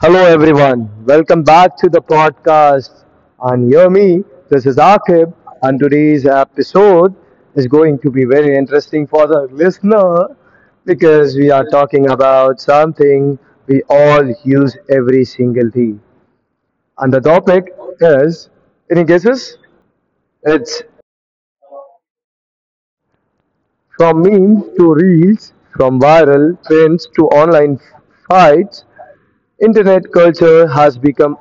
Hello, everyone. Welcome back to the podcast. And hear me, this is Akib, and today's episode is going to be very interesting for the listener because we are talking about something we all use every single day. And the It topic is any guesses? is It's from for me, memes to reels, from viral trends to online fights, internet culture has become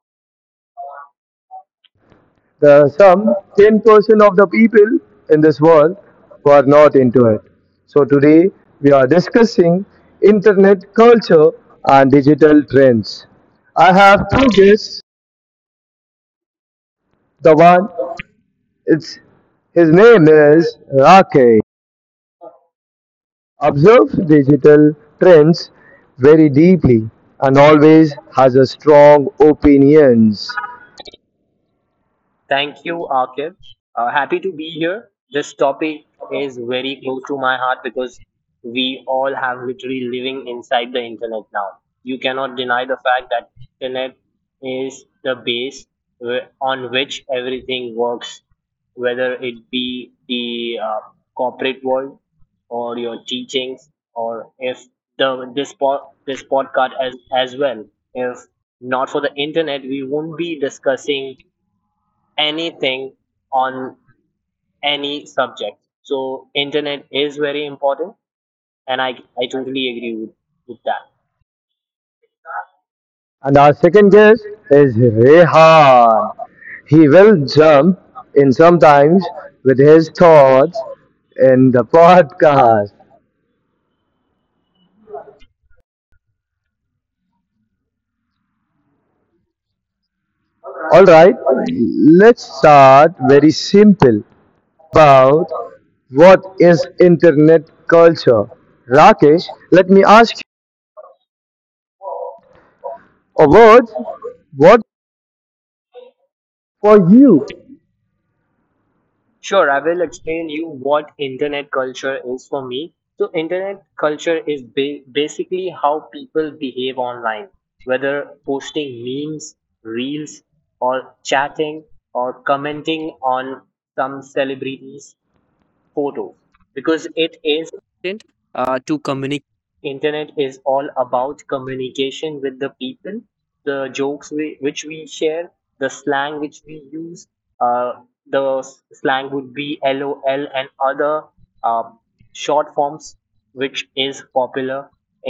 the some 10% of the people in this world who are not into it. So today we are discussing internet culture and digital trends. I have two guests. the The one. one, it's his name is Rake. Observes digital trends very deeply and always has a strong opinions. Thank you, Akib. Happy to be here. This topic is very close to my heart because we all have literally living inside the internet now. You cannot deny the fact that internet is the base on which everything works, whether it be the corporate world or your teachings, or if the this pod, this podcast as well. If not for the internet, we won't be discussing anything on any subject. So internet is very important and I totally agree with that. And our second guest is Rehan. He will jump in sometimes with his thoughts in the podcast. All right, let's start very simple about what is internet culture. Rakesh, let me ask you a word. What for you? Sure, I will explain you what internet culture is for me. So, internet culture is basically how people behave online, whether posting memes, reels, or chatting, or commenting on some celebrities photo because it is to communicate. Internet is all about communication with the people, the jokes which we share, the slang which we use, uh, slang would be lol and other uh, short forms which is popular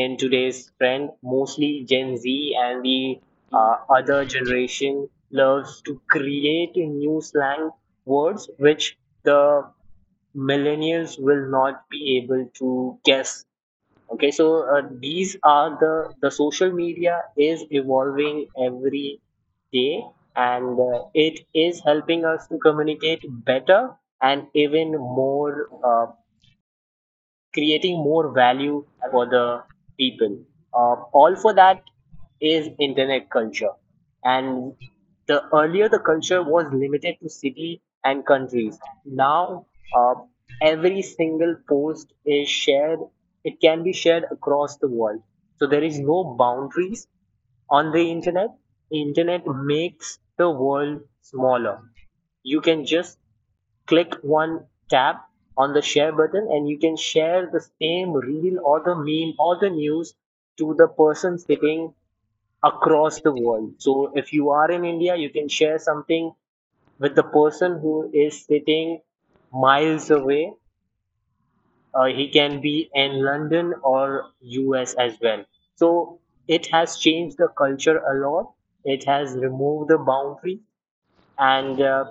in today's trend. Mostly gen z and the other generation loves to create new slang words which the millennials will not be able to guess. Okay, so these are the social media is evolving every day, and it is helping us to communicate better and even more, creating more value for the people, uh, all for that is internet culture. And the earlier the culture was limited to city and countries. Now uh, every single post is shared. It can be shared across the world. So there is no boundaries on the internet. Internet makes the world smaller. You can just click one tap on the share button and you can share the same reel or the meme or the news to the person sitting across the world. So if you are in India, you can share something with the person who is sitting miles away. He can be in London or US as well. So it has changed the culture a lot. It has removed the boundary, and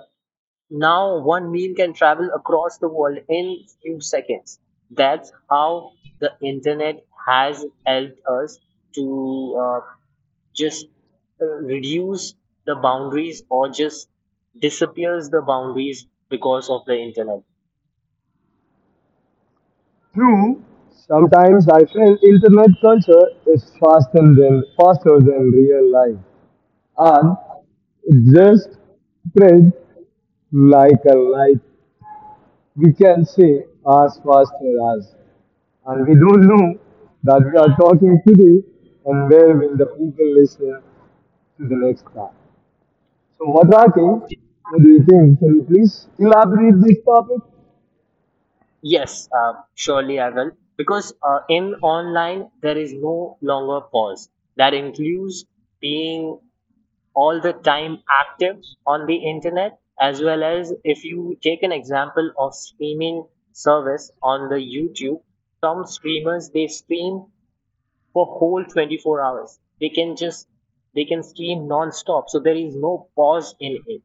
now one meme can travel across the world in few seconds. That's how the internet has helped us to just reduce the boundaries or just disappears the boundaries because of the internet. True. Sometimes I feel internet culture is faster than real life, and it just spread like a light we can say as fast as. And we don't know that we are talking today and where will the people listen to the next part. So, what Rakesh, what do you think? Can you please elaborate this topic? Yes, surely I will. Because in online there is no longer pause. That includes being all the time active on the internet, as well as if you take an example of streaming service on the youtube, some streamers they stream for whole 24 hours. They can just, they can stream non-stop. So there is no pause in it.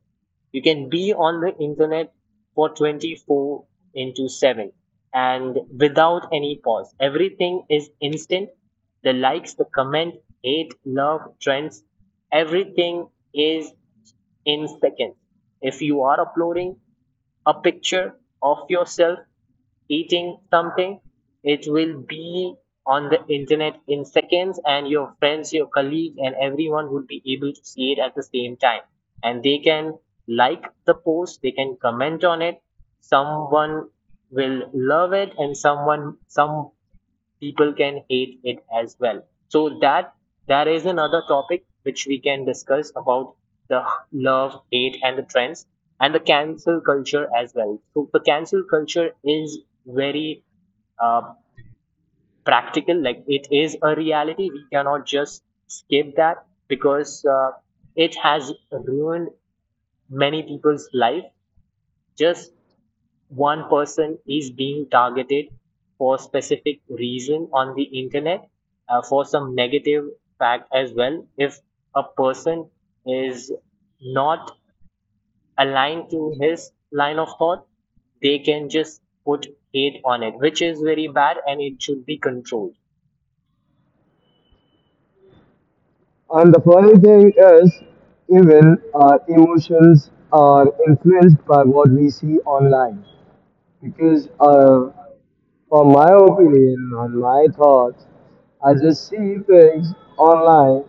You can be on the internet for 24 into 7 and without any pause. Everything is instant, the likes, the comment, hate, love, trends, everything is in seconds. If you are uploading a picture of yourself eating something, it will be on the internet in seconds, and your friends, your colleagues, and everyone will be able to see it at the same time. And they can like the post, they can comment on it. Someone will love it, and some people can hate it as well. So that there is another topic which we can discuss about the love, hate, and the trends and the cancel culture as well. So the cancel culture is very uh, practical. Like it is a reality. We cannot just skip that because it has ruined many people's life. Just one person is being targeted for specific reason on the internet, for some negative fact as well. If a person is not aligned to his line of thought, they can just put hate on it, which is very bad and it should be controlled. And the funny thing is, even our emotions are influenced by what we see online. Because, from my opinion and my thoughts, I just see things online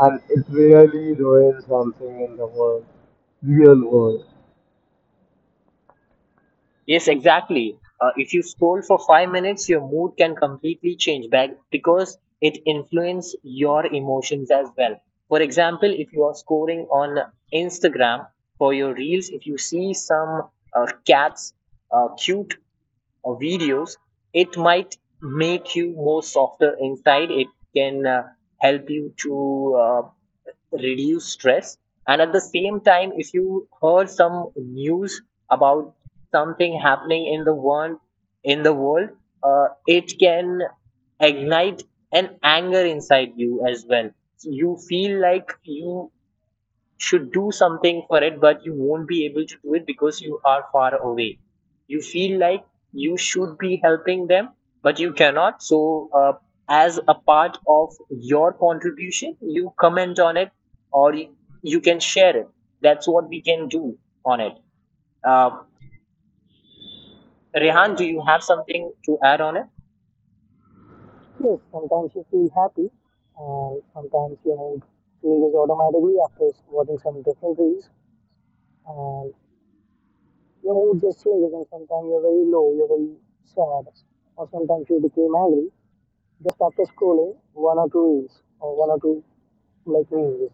and it really ruins something in the world, real world. Yes, exactly. If you scroll for 5 minutes, your mood can completely change back because it influences your emotions as well. For example, if you are scrolling on Instagram for your reels, if you see some cats, cute or videos, it might make you more softer inside. It can help you to reduce stress. And at the same time, if you heard some news about something happening in the world, in the world, it can ignite an anger inside you as well. So you feel like you should do something for it, but you won't be able to do it because you are far away. You feel like you should be helping them, but you cannot. So, as a part of your contribution, you comment on it or you can share it. That's what we can do on it. Uh, Rehan, do you have something to add on it? Yes, sometimes you feel happy, and sometimes your mood changes automatically after watching some different reels, and your mood just changes, and sometimes you're very low, you're very sad, or sometimes you became angry just after scrolling one or two reels or one or two like reels.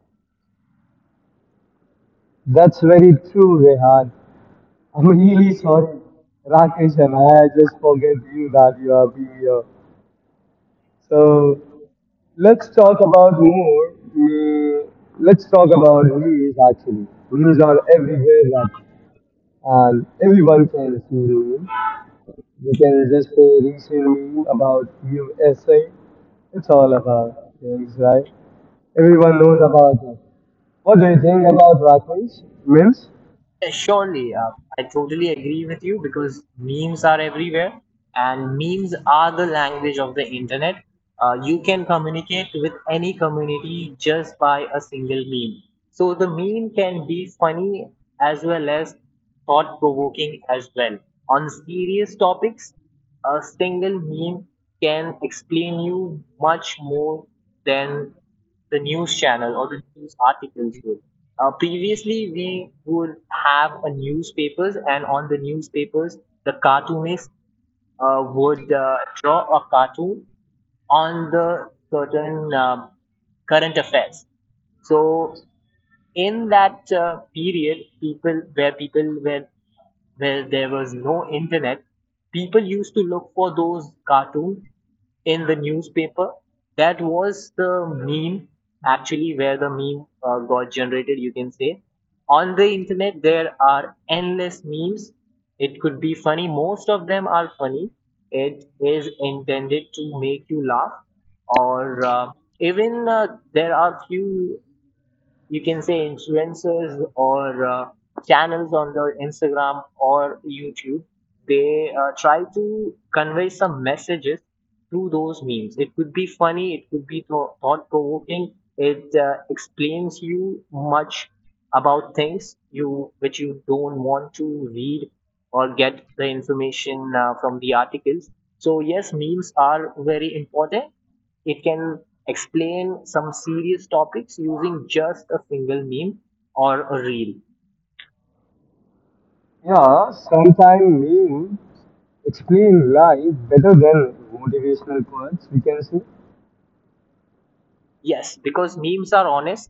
That's very true, Rehan. I'm really sorry, Rakesh, and I just forget you that you have been here. So let's talk about more. Let's talk about memes actually. Memes are everywhere, Rakesh, and everyone can see memes. You can just resell me about USA. It's all about things, right? Everyone knows about it. What do you think about raccoons? Memes? Yeah, surely. I totally agree with you because memes are everywhere. And memes are the language of the internet. You can communicate with any community just by a single meme. So the meme can be funny as well as thought provoking as well. On serious topics, a single meme can explain you much more than the news channel or the news articles would. Previously, we would have a newspapers, and on the newspapers, the cartoonists would draw a cartoon on the certain current affairs. So in that period people where there was no internet, people used to look for those cartoons in the newspaper. That was the meme actually, where the meme got generated. You can say on the internet there are endless memes. It could be funny, most of them are funny. It is intended to make you laugh or even there are few, you can say, influencers or channels on the instagram or youtube, they try to convey some messages through those memes. It could be funny, it could be thought provoking. It explains you much about things you which you don't want to read or get the information from the articles. So yes, memes are very important. It can explain some serious topics using just a single meme or a reel. Yeah, sometimes memes explain life better than motivational quotes, we can see. Yes, because memes are honest,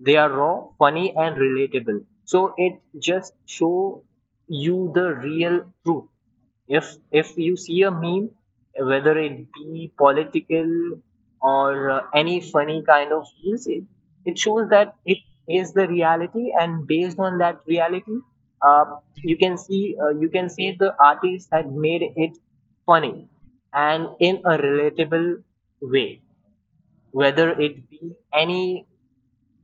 they are raw, funny, and relatable. So it just show you the real truth. If you see a meme, whether it be political or any funny kind of memes, it shows that it is the reality, and based on that reality, uh, you can see you can say the artist had made it funny and in a relatable way, whether it be any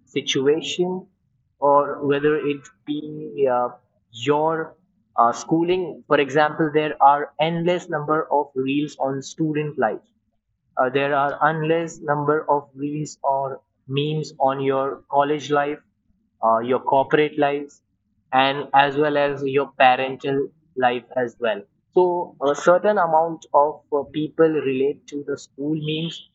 situation or whether it be your schooling. For example, there are endless number of reels on student life, there are endless number of reels or memes on your college life, your corporate lives, and as well as your parental life as well. So a certain amount of people relate to the school memes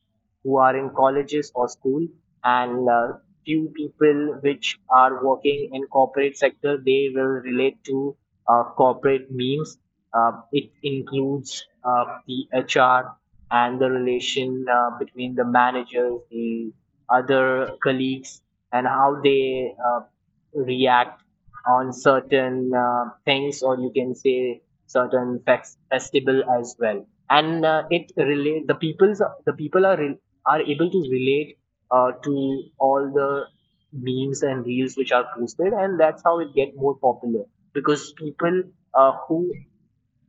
who are in colleges or school, and few people which are working in corporate sector, they will relate to corporate memes. It includes the HR and the relation between the managers, the other colleagues, and how they react on certain things, or you can say certain festival as well. And it relate the people are able to relate to all the memes and reels which are posted, and that's how it get more popular because people who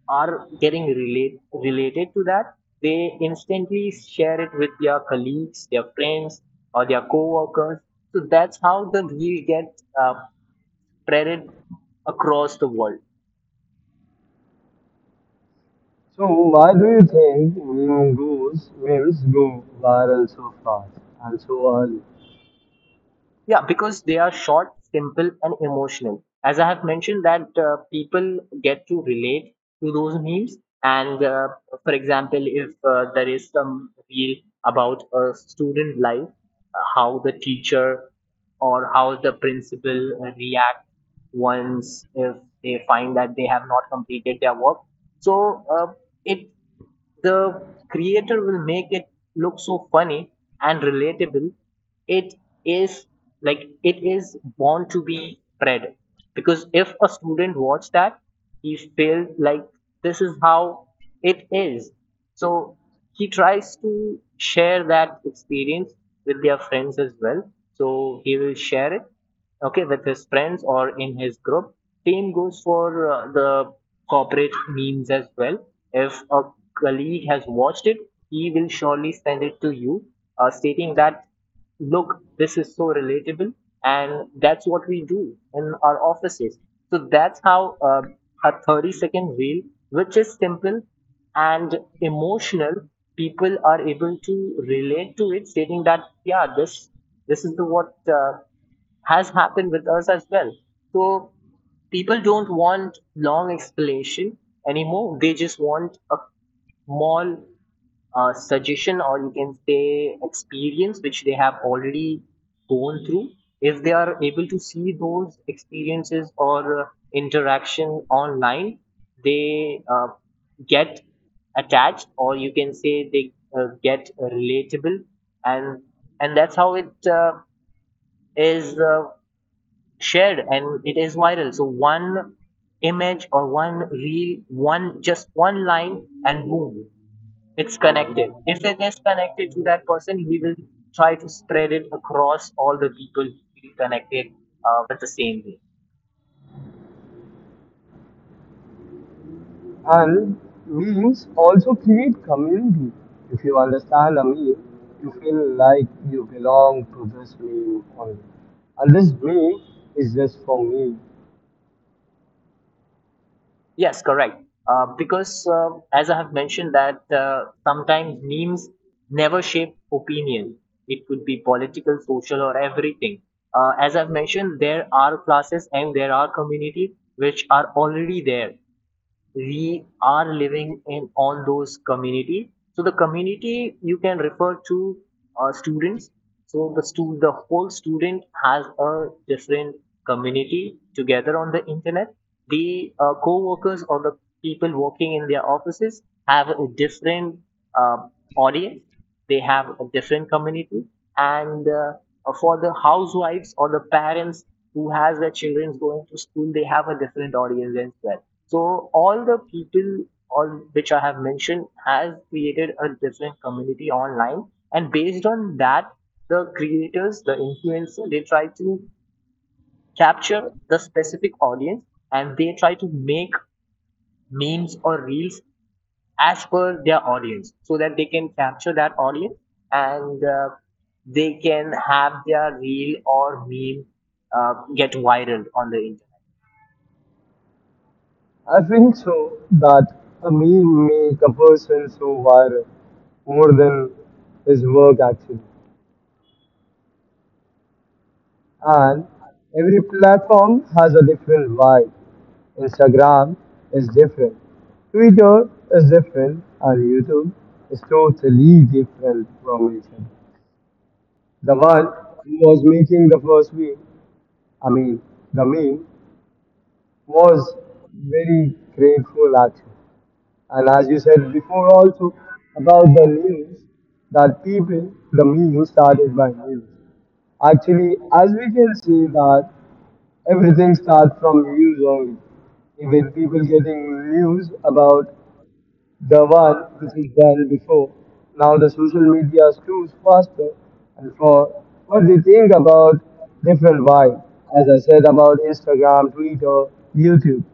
are getting related to that, they instantly share it with their colleagues, their friends, or their co-workers. So that's how the reel gets spreaded across the world. So why do you think memes go viral so fast and so early? Yeah, because they are short, simple, and emotional. As I have mentioned, that people get to relate to those memes. And for example, if there is some reel about a student life, how the teacher or how the principal react once if they find that they have not completed their work. So it, the creator will make it look so funny and relatable. It is like it is born to be spread because if a student watch that, he feels like this is how it is. So he tries to share that experience with their friends as well. So he will share it, okay, with his friends or in his group. Same goes for the corporate memes as well. If a colleague has watched it, he will surely send it to you, stating that look, this is so relatable, and that's what we do in our offices. So that's how a 30-second reel, which is simple and emotional, people are able to relate to it, stating that yeah, this is the what has happened with us as well. So people don't want long explanation anymore; they just want a small suggestion or you can say experience which they have already gone through. If they are able to see those experiences or interaction online, they get attached, or you can say they get relatable, and and that's how it is shared and it is viral. So one image or one reel, one just one line, and boom, it's connected. If it is connected to that person, he will try to spread it across all the people he feel connected with the same way. And memes also create community. If you understand a meme, you feel like you belong to this meme only. And this meme is just for me. Yes, correct. Because as I have mentioned, that sometimes memes never shape opinion. It could be political, social, or everything. As I've mentioned, there are classes and there are communities which are already there. We are living in all those community. So the community you can refer to students. So the the whole student has a different community together on the internet. The co-workers or the people working in their offices have a different uh, audience. They have a different community, and for the housewives or the parents who has their children going to school, they have a different audience as well. So all the people, all which I have mentioned, has created a different community online, and based on that, the creators, the influencer, they try to capture the specific audience and they try to make memes or reels as per their audience so that they can capture that audience and they can have their reel or meme get viral on the internet. I think so that a meme make a person so viral more than his work actually. And every platform has a different vibe. Instagram is different, Twitter is different, and YouTube is totally different from each other. The one who was making the first meme, I mean, the meme, was very grateful actually. And as you said before also about the news, that people, the meme started by news. Actually, as we can see that everything starts from news only. Even people getting news about The one which was banned before. Now the social media screws faster. And for what they think about different vibe, as I said about Instagram, Twitter, YouTube.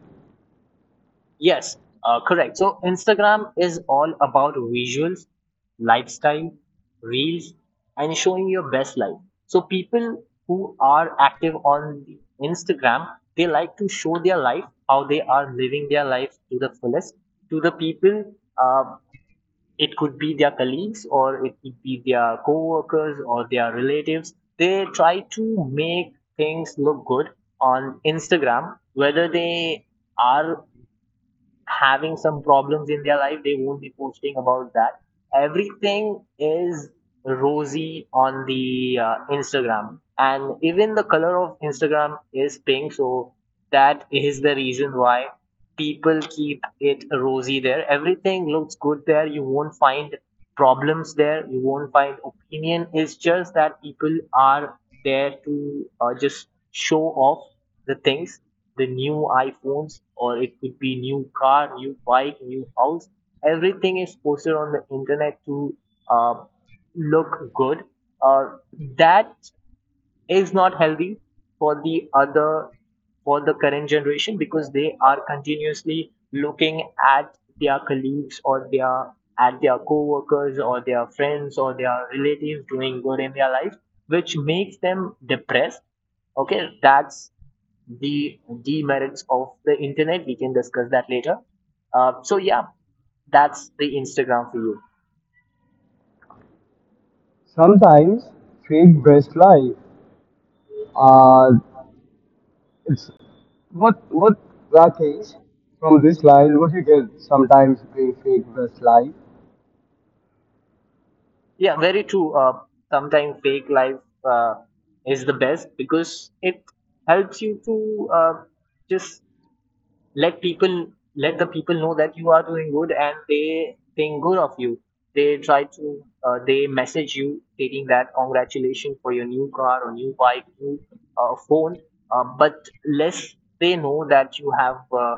Yes, correct. So Instagram is all about visuals, lifestyle, reels, and showing your best life. So people who are active on the Instagram, they like to show their life, how they are living their life to the fullest to the people. Uh, it could be their colleagues, or it could be their co-workers, or their relatives. They try to make things look good on Instagram. Whether they are having some problems in their life, they won't be posting about that. Everything is rosy on the Instagram, and even the color of Instagram is pink, so that is the reason why people keep it rosy there. Everything looks good there. You won't find problems there, you won't find opinion. It's just that people are there to just show off the things, the new iPhones, or it could be new car, new bike, new house. Everything is posted on the internet to uh, look good. Uh, that is not healthy for the other for the current generation because they are continuously looking at their colleagues or their at their co-workers or their friends or their relatives doing good in their life, which makes them depressed. Okay, that's the demerits of the internet. We can discuss that later. So yeah, that's the Instagram for you. Sometimes fake breast life. Uh, it's what Rakesh from this line what you get sometimes being fake breast life. Yeah, very true. Sometimes fake life uh, is the best because it helps you to just let people let the people know that you are doing good and they think good of you. They try to they message you, stating that congratulations for your new car or new bike, new phone, but less they know that you have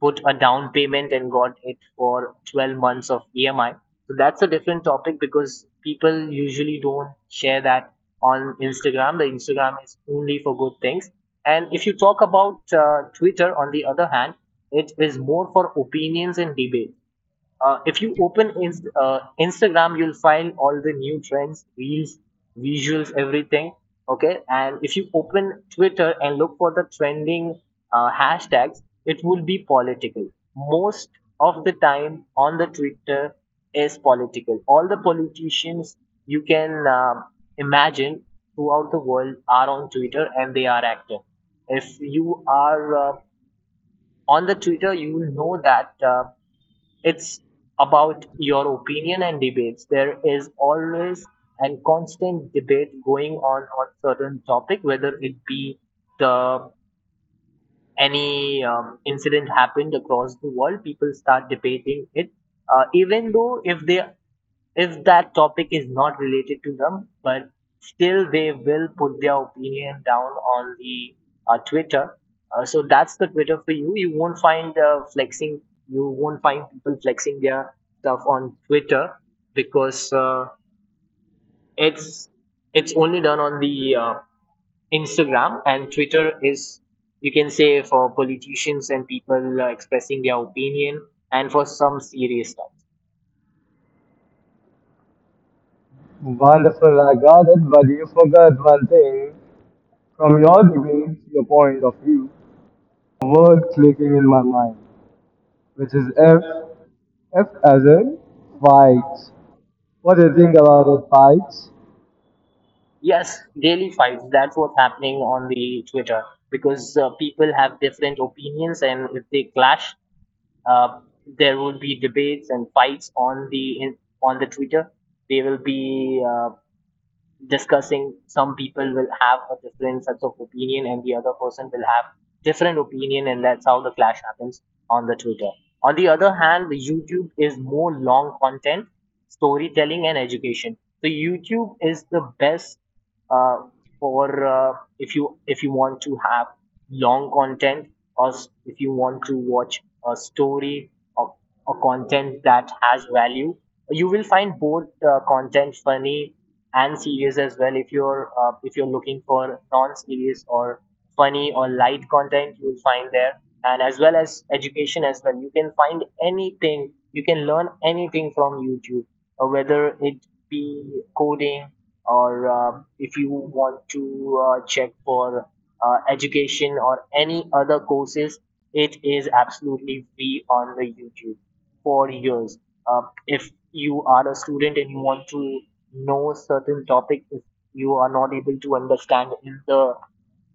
put a down payment and got it for 12 months of emi. So that's a different topic because people usually don't share that on Instagram. The Instagram is only for good things. And if you talk about Twitter, on the other hand, it is more for opinions and debate. If you open Instagram, you'll find all the new trends, reels, visuals, everything. Okay, and if you open Twitter and look for the trending hashtags, it will be political. Most of the time on the Twitter is political. All the politicians you can imagine throughout the world are on Twitter and they are active. If you are on the Twitter, you will know that. It's about your opinion and debates. There is always and constant debate going on certain topic, whether it be the any incident happened across the world, people start debating it, even though if they if that topic is not related to them, but still they will put their opinion down on the Twitter. So that's the Twitter for you. You won't find flexing. You won't find people flexing their stuff on Twitter because it's it's only done on the Instagram, and Twitter is, you can say, for politicians and people expressing their opinion and for some serious stuff. Wonderful, I got it, but you forgot one thing. From your debate, your point of view, a word clicking in my mind. Which is F. F as in fights. What do you think about the fights? Yes, daily fights. That's what's happening on the Twitter because people have different opinions, and if they clash, uh, there will be debates and fights on on the Twitter. They will be discussing, some people will have a different sets of opinion and the other person will have different opinion, and that's how the clash happens on the Twitter. On the other hand, the YouTube is more long content, storytelling, and education. So YouTube is the best uh, for if you want to have long content or if you want to watch a story or content that has value. You will find both content, funny and series as well. If you're looking for non-serious or funny or light content, you will find there, and as well as education as well. You can find anything. You can learn anything from YouTube, or whether it be coding or if you want to check for education or any other courses, it is absolutely free on the YouTube for years. If you are a student and you want to no certain topic is you are not able to understand in the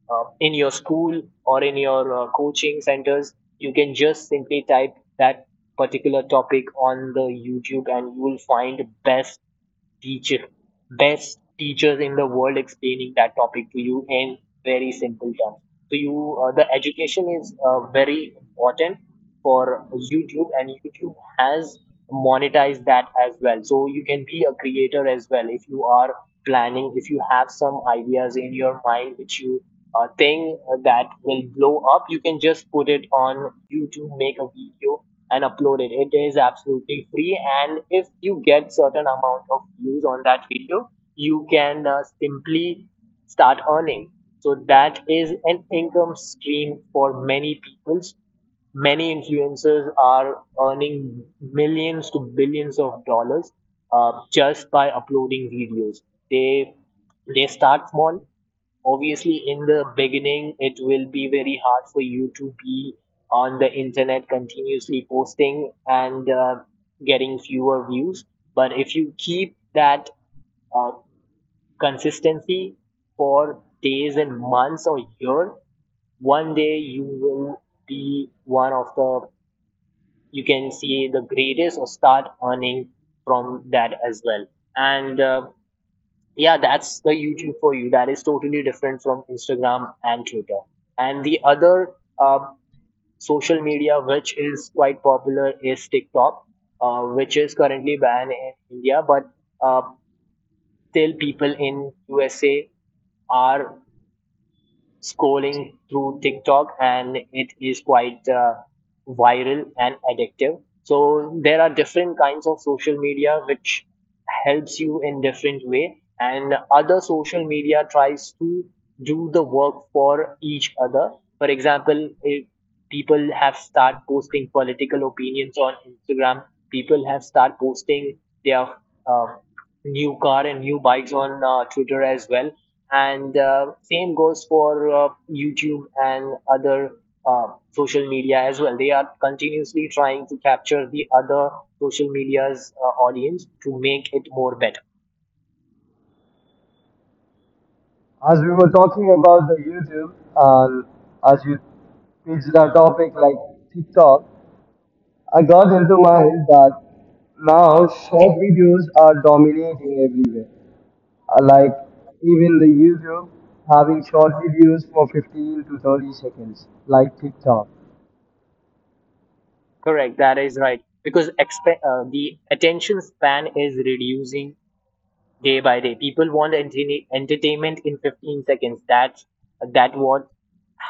in your school or in your coaching centers, you can just simply type that particular topic on the YouTube and you will find best teacher, best teachers in the world explaining that topic to you in very simple terms. So you, the education is very important for YouTube, and YouTube has monetized that as well. So you can be a creator as well if you are planning, if you have some ideas in your mind which you think that will blow up. You can just put it on YouTube, make a video, and upload it. It is absolutely free. And if you get certain amount of views on that video, you can simply start earning. So that is an income stream for many people. Many influencers are earning millions to billions of dollars just by uploading videos. They they start small. Obviously in the beginning it will be very hard for you to be on the internet continuously posting and getting fewer views, but if you keep that uh, consistency for days and months or year, one day you will be one of the, you can see, the greatest or start earning from that as well. And yeah, that's the YouTube for you. That is totally different from Instagram and Twitter. And the other uh, social media which is quite popular is TikTok, which is currently banned in India, but uh, still people in USA are scrolling through TikTok and it is quite viral and addictive. So there are different kinds of social media which helps you in different way, and other social media tries to do the work for each other. For example, if people have start posting political opinions on Instagram, people have start posting their uh, new car and new bikes on Twitter as well, and same goes for YouTube and other social media as well. They are continuously trying to capture the other social media's audience to make it more better. As we were talking about the YouTube, and as you pitched the topic like TikTok, I got into mind that now short videos are dominating everywhere. Like even the YouTube having short videos for 15 to 30 seconds, like TikTok. Correct, that is right. Because the attention span is reducing day by day. People want entertainment in 15 seconds. That's that what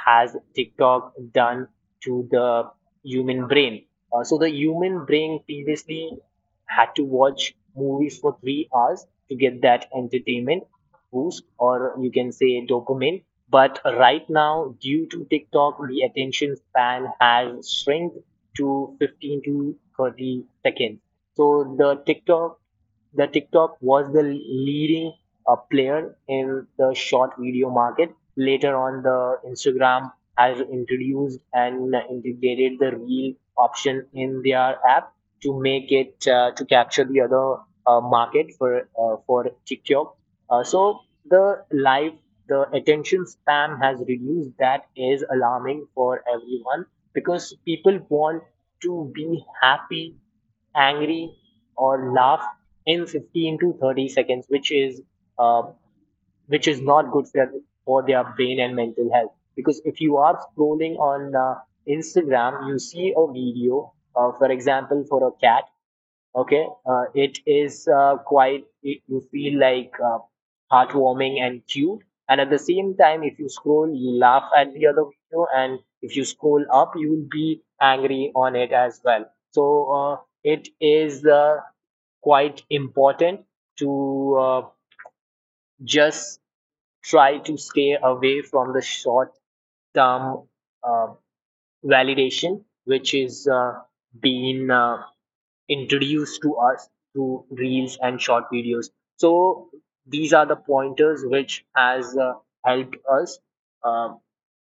has TikTok done to the human brain. So the human brain previously had to watch movies for 3 hours to get that entertainment boost, or you can say dopamine. But right now, due to TikTok, the attention span has shrunk to 15 to 30 seconds. So the TikTok was the leading player in the short video market. Later on, the Instagram has introduced and integrated the reel option in their app to make it to capture the other market for TikTok. So the live the attention span has reduced. That is alarming for everyone because people want to be happy, angry, or laugh in 15 to 30 seconds, uh, which is not good for their brain and mental health. Because if you are scrolling on Instagram, you see a video, for example, for a cat, okay, it is you feel like heartwarming and cute, and at the same time if you scroll you laugh at the other video, and if you scroll up you will be angry on it as well. So it is quite important to just try to stay away from the short term uh, validation, which is being introduced to us through reels and short videos. So these are the pointers which has helped us. Um,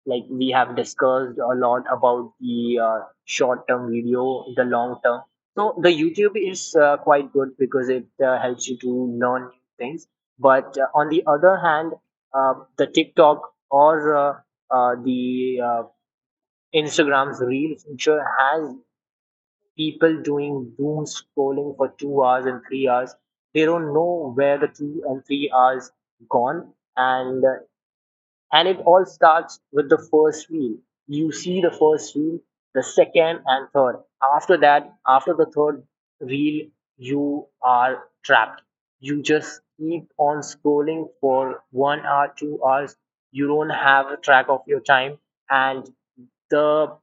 like we have discussed a lot about the short-term video, the long-term. So the YouTube is quite good because it helps you to learn new things. But on the other hand, the TikTok or the Instagram's reel feature has people doing doom scrolling for 2 hours and 3 hours. They don't know where the 2 and 3 hours gone, and it all starts with the first reel. You see the first reel, the second and third. After that, after the third reel, you are trapped. You just keep on scrolling for 1 hour, 2 hours. You don't have a track of your time, and the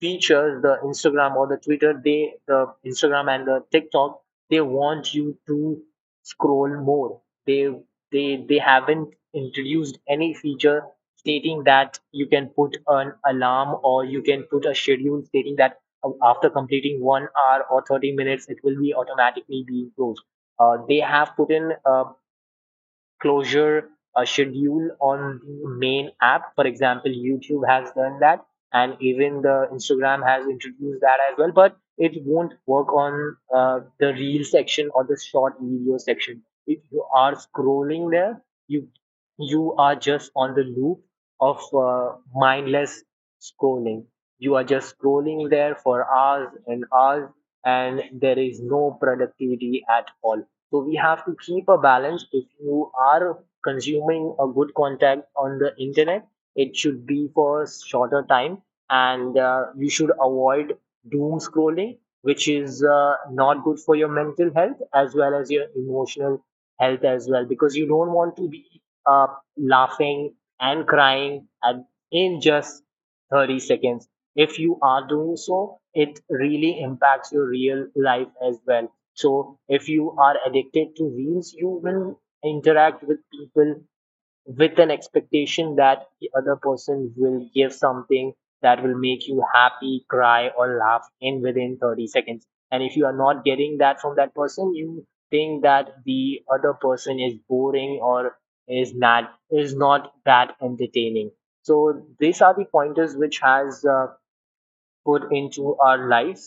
features, the Instagram or the Twitter, the Instagram and the TikTok, they want you to scroll more. They they haven't introduced any feature stating that you can put an alarm or you can put a schedule stating that after completing 1 hour or 30 minutes, it will be automatically being closed. They have put in closure schedule on the main app. For example, YouTube has done that, and even the Instagram has introduced that as well. But it won't work on the reel section or the short video section. If you are scrolling there, you you are just on the loop of mindless scrolling. You are just scrolling there for hours and hours, and there is no productivity at all. So we have to keep a balance. If you are consuming a good content on the internet, it should be for shorter time, and you should avoid doom scrolling, which is not good for your mental health as well as your emotional health as well, because you don't want to be laughing and crying at, in just 30 seconds. If you are doing so, it really impacts your real life as well. So if you are addicted to reels, you will interact with people with an expectation that the other person will give something that will make you happy, cry, or laugh in within 30 seconds. And if you are not getting that from that person, you think that the other person is boring or is not that entertaining. So these are the pointers which has put into our life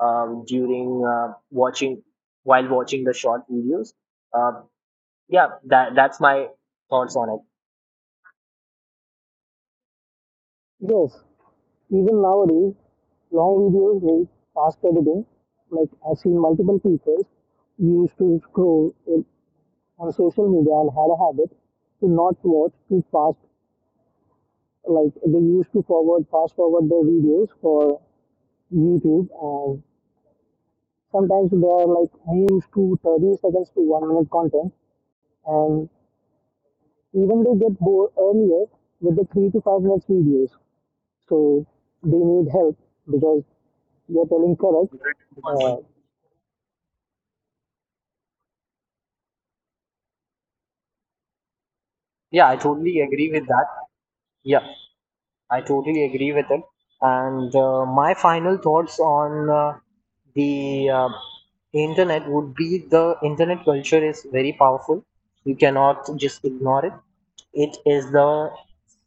during watching while watching the short videos. Uh, yeah, that's my thoughts on Yes, even nowadays, long videos need fast editing. Like I've seen multiple people who used to scroll in, on social media and had a habit to not watch too fast. Like they used to forward, fast forward their videos for YouTube, and sometimes they are like more used to 30 seconds to 1 minute content, and even they get bored earlier with the 3 to 5 minutes videos. So they need help because you're telling correct. it. uh, Yeah, I totally agree with that. Yeah, I totally agree with it. And my final thoughts on the internet would be the internet culture is very powerful. You cannot just ignore it. It is the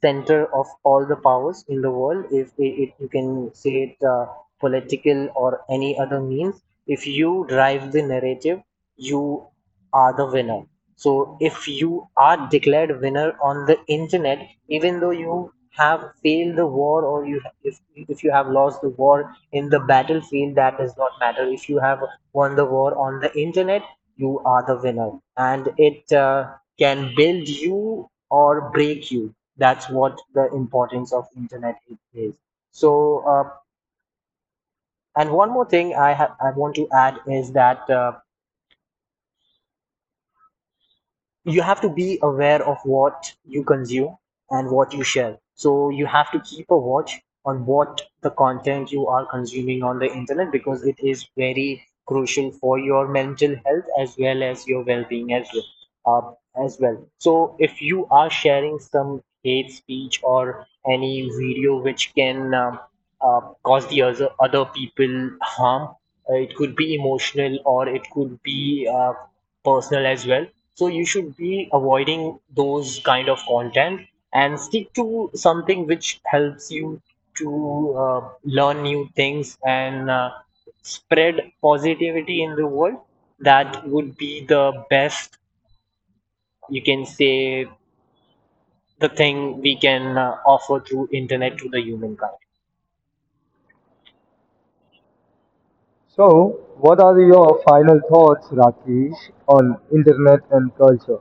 center of all the powers in the world. If it, it, You can say it political or any other means, if you drive the narrative, you are the winner. So if you are declared winner on the internet, even though you have failed the war, or you if you have lost the war in the battlefield, that does not matter. If you have won the war on the internet, you are the winner, and it can build you or break you. That's what the importance of internet is. So, and one more thing I want to add is that you have to be aware of what you consume and what you share. So you have to keep a watch on what the content you are consuming on the internet, because it is very crucial for your mental health as well as your well-being as well. So if you are sharing some hate speech or any video which can cause the other people harm, it could be emotional or it could be personal as well. So you should be avoiding those kind of content and stick to something which helps you to learn new things and spread positivity in the world. That would be the best, you can say, the thing we can offer through internet to the humankind. So, what are your final thoughts, Rakesh, on internet and culture?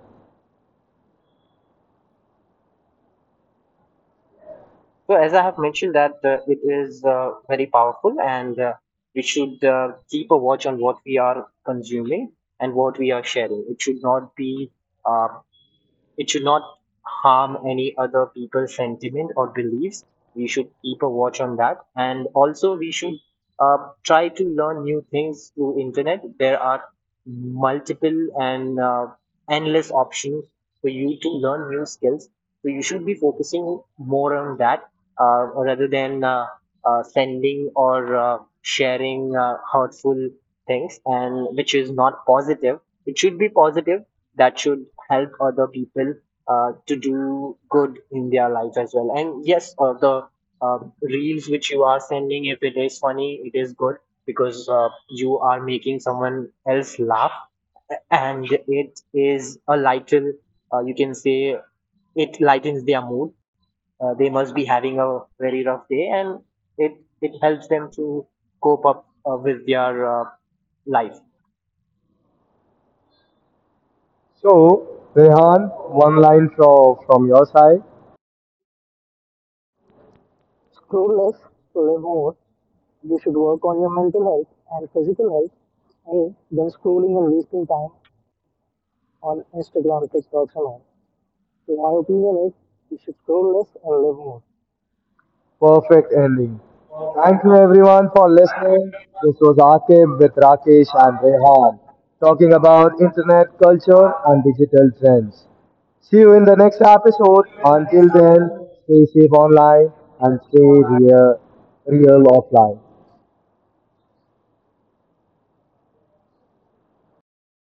So as I have mentioned that it is very powerful and we should keep a watch on what we are consuming and what we are sharing. It should not be uh, it should not harm any other people's sentiment or beliefs. We should keep a watch on that, and also we should uh, try to learn new things through internet. There are multiple and endless options for you to learn new skills. So you should be focusing more on that rather than sending or sharing hurtful things, and which is not positive. It should be positive that should help other people to do good in their life as well. And yes, the reels which you are sending, if it is funny, it is good because you are making someone else laugh, and it is a lighten, you can say it lightens their mood. They must be having a very rough day, and it, it helps them to cope up with their life. So, Rehan, one line from your side. Scroll less, live more. You should work on your mental health and physical health and then scrolling and wasting time on Instagram, TikToks and all. So my opinion is you should scroll less and live more. Perfect ending. Thank you everyone for listening. This was Akib with Rakesh and Rehan talking about internet culture and digital trends. See you in the next episode. Until then, stay safe online and stay real, real offline.